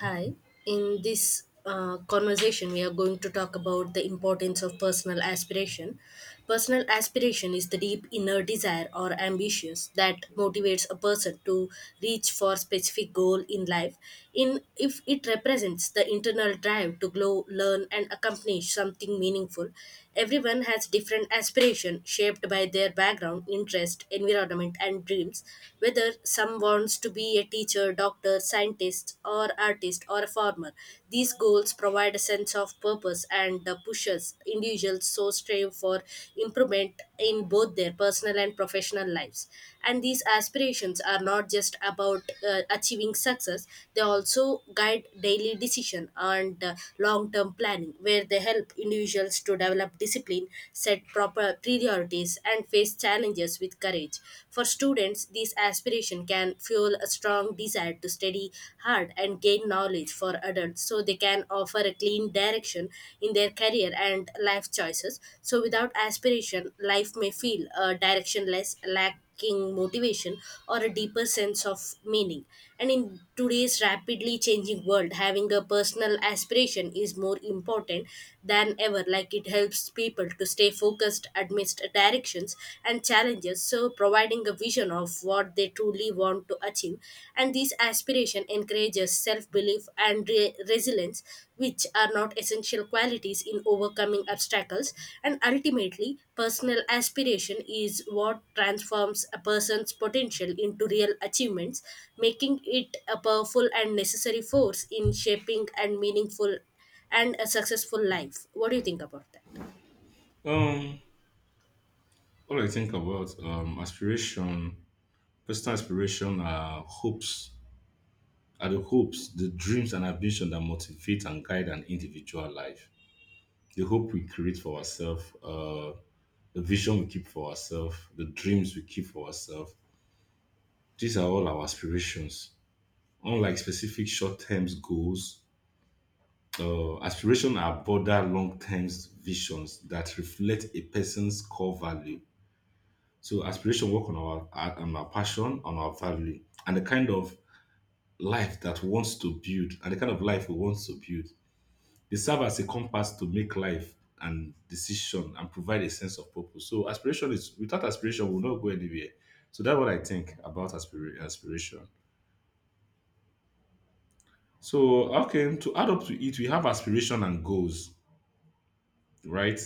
Hi. In this conversation, we are going to talk about the importance of personal aspiration. Personal aspiration is the deep inner desire or ambition that motivates a person to reach for specific goal in life. In if it represents the internal drive to grow, learn, and accomplish something meaningful. Everyone has different aspiration shaped by their background, interest, environment, and dreams. Whether some wants to be a teacher, doctor, scientist, or artist or a farmer. These goals provide a sense of purpose and pushes individuals so strive for improvement in both their personal and professional lives. And these aspirations are not just about achieving success; they also guide daily decision and long-term planning, where they help individuals to develop discipline, set proper priorities, and face challenges with courage. For students, this aspiration can fuel a strong desire to study hard and gain knowledge for adults so they can offer a clean direction in their career and life choices. So, without aspiration, life may feel directionless, lacking motivation, or a deeper sense of meaning. And in today's rapidly changing world, having a personal aspiration is more important than ever, like it helps people to stay focused amidst a addictions and challenges, so providing a vision of what they truly want to achieve. And this aspiration encourages self belief and resilience, which are not essential qualities in overcoming obstacles. And ultimately, personal aspiration is what transforms a person's potential into real achievements, making it a powerful and necessary force in shaping and meaningful and a successful life. What do you think about that? Um, all I think about aspiration, personal aspiration are hopes, the dreams and ambition that motivate and guide an individual life. The hope we create for ourselves, the vision we keep for ourselves, the dreams we keep for ourselves. These are all our aspirations. Unlike specific short-term goals, aspirations are broader long-term visions that reflect a person's core value. So aspiration work on our passion, on our value, and the kind of life that wants to build, and the kind of life we want to build. They serve as a compass to make life and decision and provide a sense of purpose. So aspiration is, without aspiration, we'll not go anywhere. So that's what I think about aspiration. So okay, to add up to it, we have aspiration and goals, right?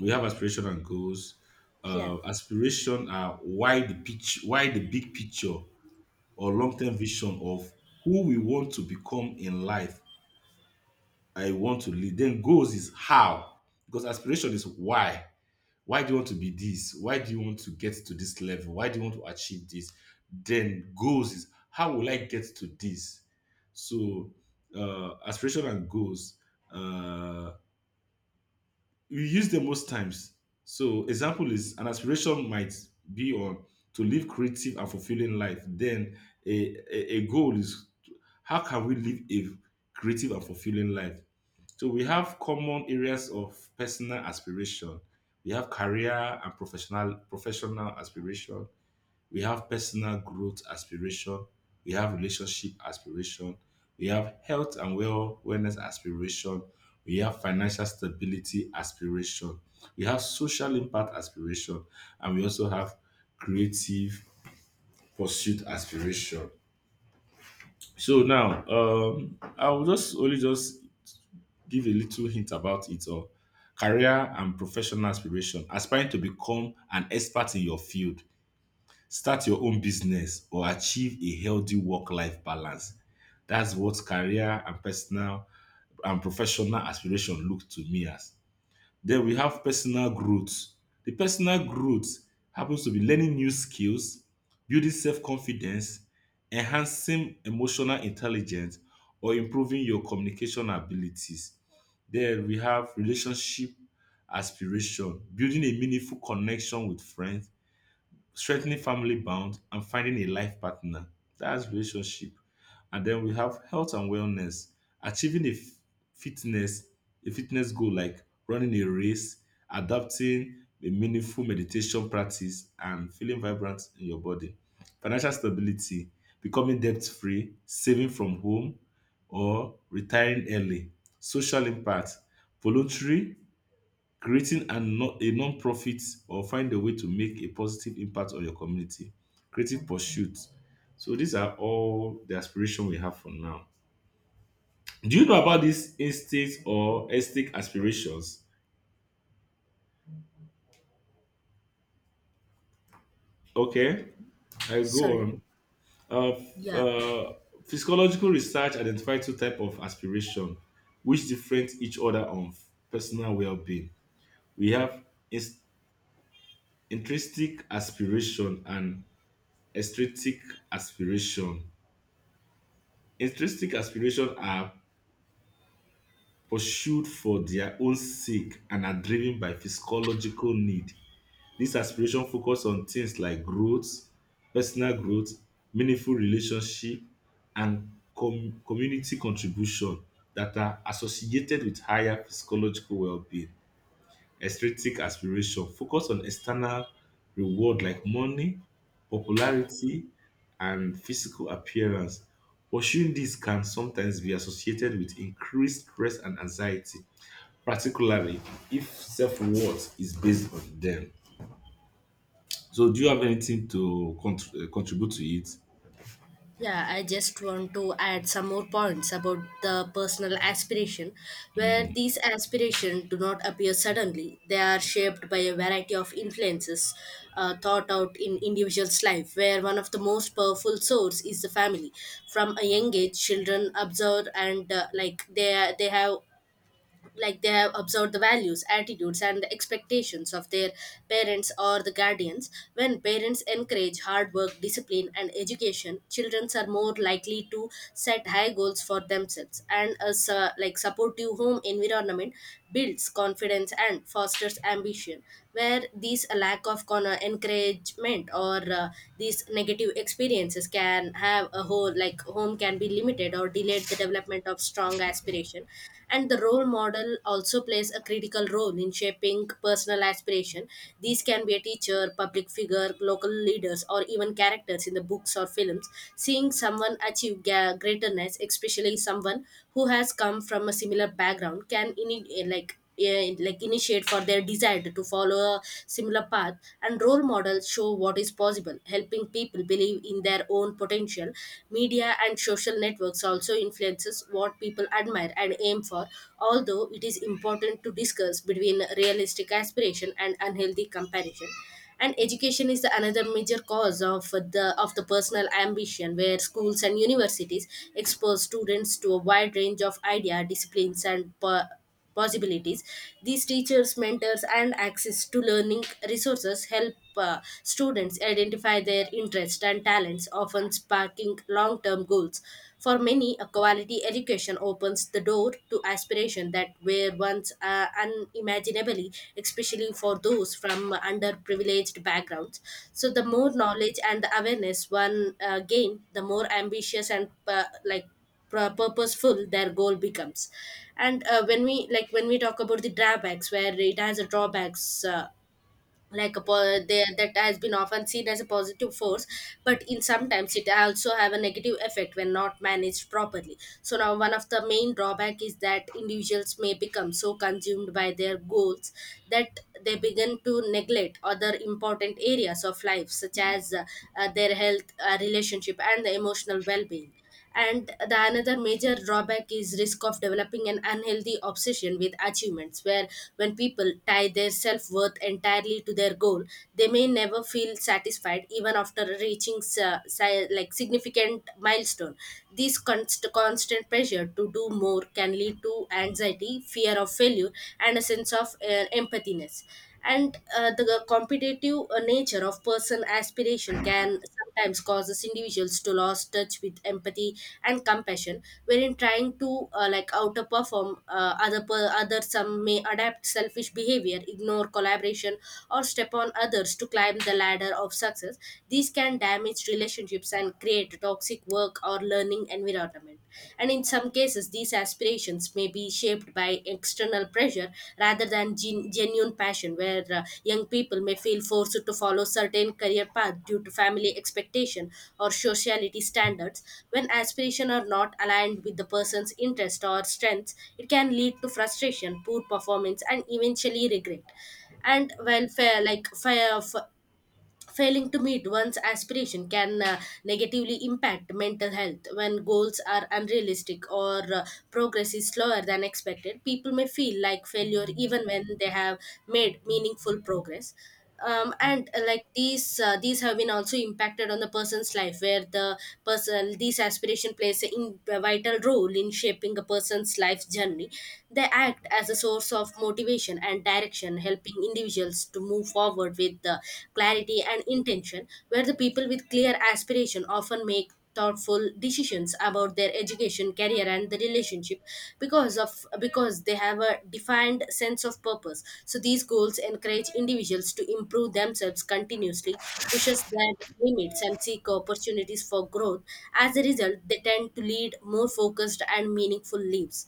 We have aspiration and goals. Yeah, Aspiration are why, the pitch, why the big picture or long-term vision of who we want to become in life. I want to lead. Then goals is how. Because aspiration is why. Why do you want to be this? Why do you want to get to this level? Why do you want to achieve this? Then goals is how will I get to this? So aspiration and goals. Uh, we use them most times. So example is, an aspiration might be on to live creative and fulfilling life. Then a goal is, how can we live a creative and fulfilling life? So we have common areas of personal aspiration. We have career and professional aspiration, we have personal growth aspiration, we have relationship aspiration, we have health and wellness aspiration, we have financial stability aspiration, we have social impact aspiration, and we also have creative pursuit aspiration. So now, I will just give a little hint about it. Or career and professional aspiration: aspiring to become an expert in your field, start your own business, or achieve a healthy work life balance. That's what career and personal and professional aspiration look to me as. Then we have personal growth. The personal growth happens to be learning new skills, building self confidence, enhancing emotional intelligence, or improving your communication abilities. Then we have relationship aspiration, building a meaningful connection with friends, strengthening family bonds and finding a life partner. That's relationship. And then we have health and wellness, achieving a fitness, a fitness goal like running a race, adopting a meaningful meditation practice, and feeling vibrant in your body. Financial stability, becoming debt free, saving from home, or retiring early. Social impact, voluntary creating a non-profit or find a way to make a positive impact on your community, creative pursuits. So these are all the aspiration we have for now. Do you know about these instincts or aesthetic aspirations? Okay, I go sorry. on. Uh, f- Yeah. uh, Physiological research identified two types of aspiration, which different each other on personal well-being. We have ins- intrinsic aspiration and extrinsic aspiration. Intrinsic aspirations are pursued for their own sake and are driven by physiological need. These aspirations focus on things like growth, personal growth, meaningful relationship, and community contribution that are associated with higher physiological well-being. Aesthetic aspiration focus on external reward like money, popularity, and physical appearance. Pursuing this can sometimes be associated with increased stress and anxiety, particularly if self worth is based on them. So, do you have anything to contribute to it? Yeah, I just want to add some more points about the personal aspiration, where these aspirations do not appear suddenly. They are shaped by a variety of influences thought out in individuals' life, where one of the most powerful source is the family. From a young age, children observe and like they have observed the values attitudes and the expectations of their parents or the guardians when parents encourage hard work discipline and education children are more likely to set high goals for themselves and a like supportive home environment builds confidence and fosters ambition where these lack of encouragement or these negative experiences can have a whole like home can be limited or delayed the development of strong aspiration. And the role model also plays a critical role in shaping personal aspiration. These can be a teacher, public figure, local leaders, or even characters in the books or films. Seeing someone achieve greatness, especially someone who has come from a similar background, can initiate for their desire to follow a similar path. And role models show what is possible, helping people believe in their own potential. Media and social networks also influences what people admire and aim for, although it is important to discuss between realistic aspiration and unhealthy comparison. And education is the another major cause of the personal ambition, where schools and universities expose students to a wide range of idea disciplines and possibilities. These teachers, mentors, and access to learning resources help students identify their interests and talents, often sparking long-term goals. For many, a quality education opens the door to aspirations that were once unimaginable, especially for those from underprivileged backgrounds. So, the more knowledge and the awareness one gain, the more ambitious and like purposeful their goal becomes. And when we talk about the drawbacks where it has a drawbacks, there that has been often seen as a positive force, but in sometimes it also have a negative effect when not managed properly. So now one of the main drawback is that individuals may become so consumed by their goals that they begin to neglect other important areas of life, such as their health, relationship, and the emotional well-being. And the another major drawback is risk of developing an unhealthy obsession with achievements, where when people tie their self-worth entirely to their goal, they may never feel satisfied even after reaching significant milestone. This constant pressure to do more can lead to anxiety, fear of failure, and a sense of empathiness. And the competitive nature of person aspiration can sometimes causes individuals to lose touch with empathy and compassion, wherein trying to like outperform other, some may adapt selfish behavior, ignore collaboration, or step on others to climb the ladder of success. These can damage relationships and create a toxic work or learning environment. And in some cases, these aspirations may be shaped by external pressure rather than genuine passion, where young people may feel forced to follow certain career path due to family expectation or sociality standards. When aspirations are not aligned with the person's interest or strengths, it can lead to frustration, poor performance, and eventually regret. And well fair, failing to meet one's aspiration can negatively impact mental health. When goals are unrealistic or progress is slower than expected, people may feel like failure even when they have made meaningful progress. And like these have been also impacted on the person's life, where the person these aspiration plays a in, a vital role in shaping a person's life journey. They act as a source of motivation and direction, helping individuals to move forward with the clarity and intention, where the people with clear aspiration often make thoughtful decisions about their education, career, and the relationship, because they have a defined sense of purpose. So these goals encourage individuals to improve themselves continuously, pushes their limits and seek opportunities for growth. As a result, they tend to lead more focused and meaningful lives.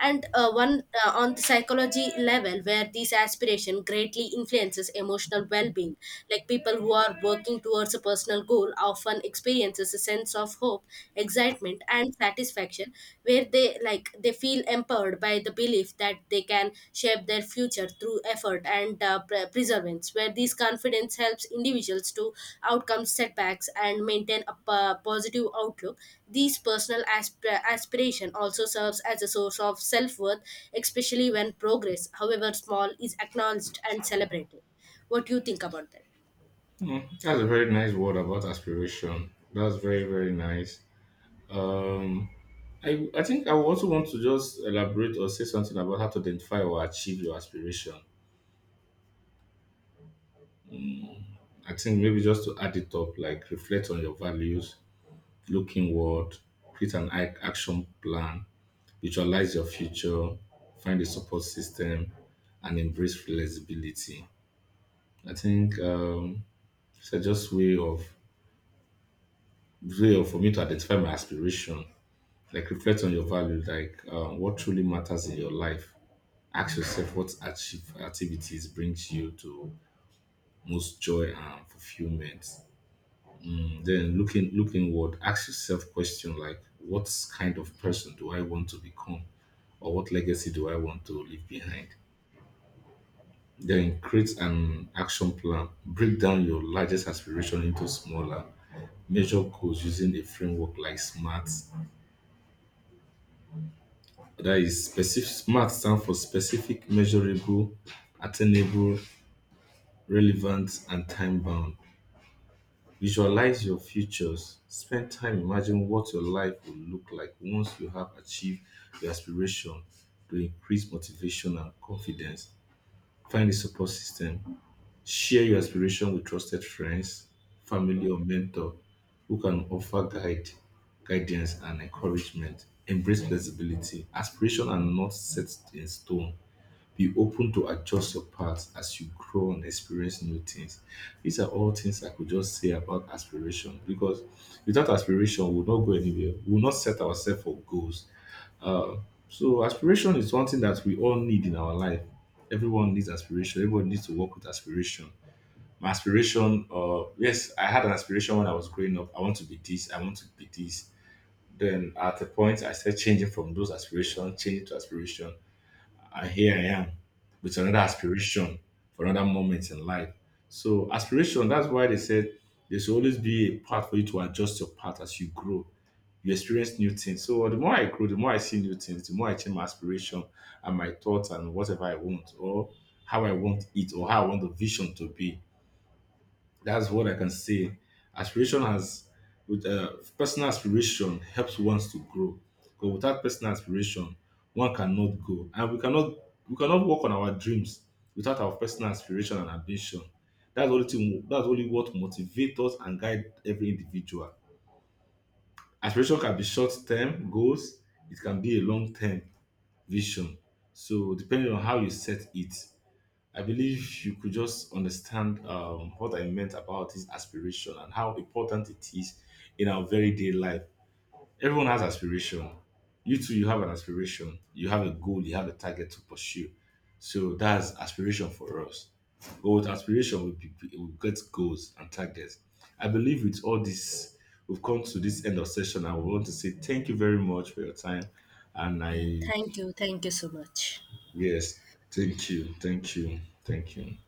And one on the psychology level, where this aspiration greatly influences emotional well-being, like people who are working towards a personal goal often experiences a sense of hope, excitement, and satisfaction, where they feel empowered by the belief that they can shape their future through effort and perseverance, where this confidence helps individuals to outcome setbacks and maintain a positive outlook. These personal aspiration also serves as a source of self worth, especially when progress, however small, is acknowledged and celebrated. What do you think about that? Mm, that's a very nice word about aspiration. That's very, very nice. Um, I think I would also want to just elaborate or say something about how to identify or achieve your aspiration. I think maybe just to add it up, like reflect on your values, look inward, create an action plan, visualize your future, find a support system, and embrace flexibility. I think it's a just way of for me to identify my aspiration. Like reflect on your value, like what truly matters in your life. Ask yourself what activities brings you to most joy and fulfillment. Mm. Then look inward, ask yourself question like, what kind of person do I want to become? Or what legacy do I want to leave behind? Then create an action plan. Break down your largest aspiration into smaller. Measure goals using a framework like SMART. That is specific. SMART stands for specific, measurable, attainable, relevant, and time bound. Visualize your futures. Spend time imagining what your life will look like once you have achieved your aspiration, to increase motivation and confidence. Find a support system. Share your aspiration with trusted friends, family, or mentor who can offer guidance and encouragement. Embrace flexibility. Aspiration are not set in stone. Be open to adjust your path as you grow and experience new things. These are all things I could just say about aspiration, because without aspiration, we will not go anywhere. We will not set ourselves for goals. Uh, so, aspiration is something that we all need in our life. Everyone needs aspiration. Everyone needs to work with aspiration. My aspiration, yes, I had an aspiration when I was growing up. I want to be this. I want to be this. Then at a point, I started changing from those aspirations, changing to aspiration. I here I am with another aspiration for another moment in life. So aspiration, that's why they said there should always be a path for you to adjust your path as you grow. You experience new things. So the more I grow, the more I see new things, the more I change my aspiration and my thoughts and whatever I want, or how I want it, or how I want the vision to be. That's what I can say. Aspiration has, with Personal aspiration helps one to grow. But without personal aspiration, one cannot go, and we cannot work on our dreams without our personal aspiration and ambition. That's only thing, that's only what motivates us and guides every individual. Aspiration can be short term goals. It can be a long term vision. So depending on how you set it. I believe you could just understand what I meant about this aspiration and how important it is in our very day life. Everyone has aspiration. You too, you have an aspiration. You have a goal. You have a target to pursue. So that's aspiration for us. But with aspiration, we get goals and targets. I believe with all this, we've come to this end of session. I want to say thank you very much for your time. And Yeah, I, thank you. Thank you so much. yes, thank you, thank you, thank you.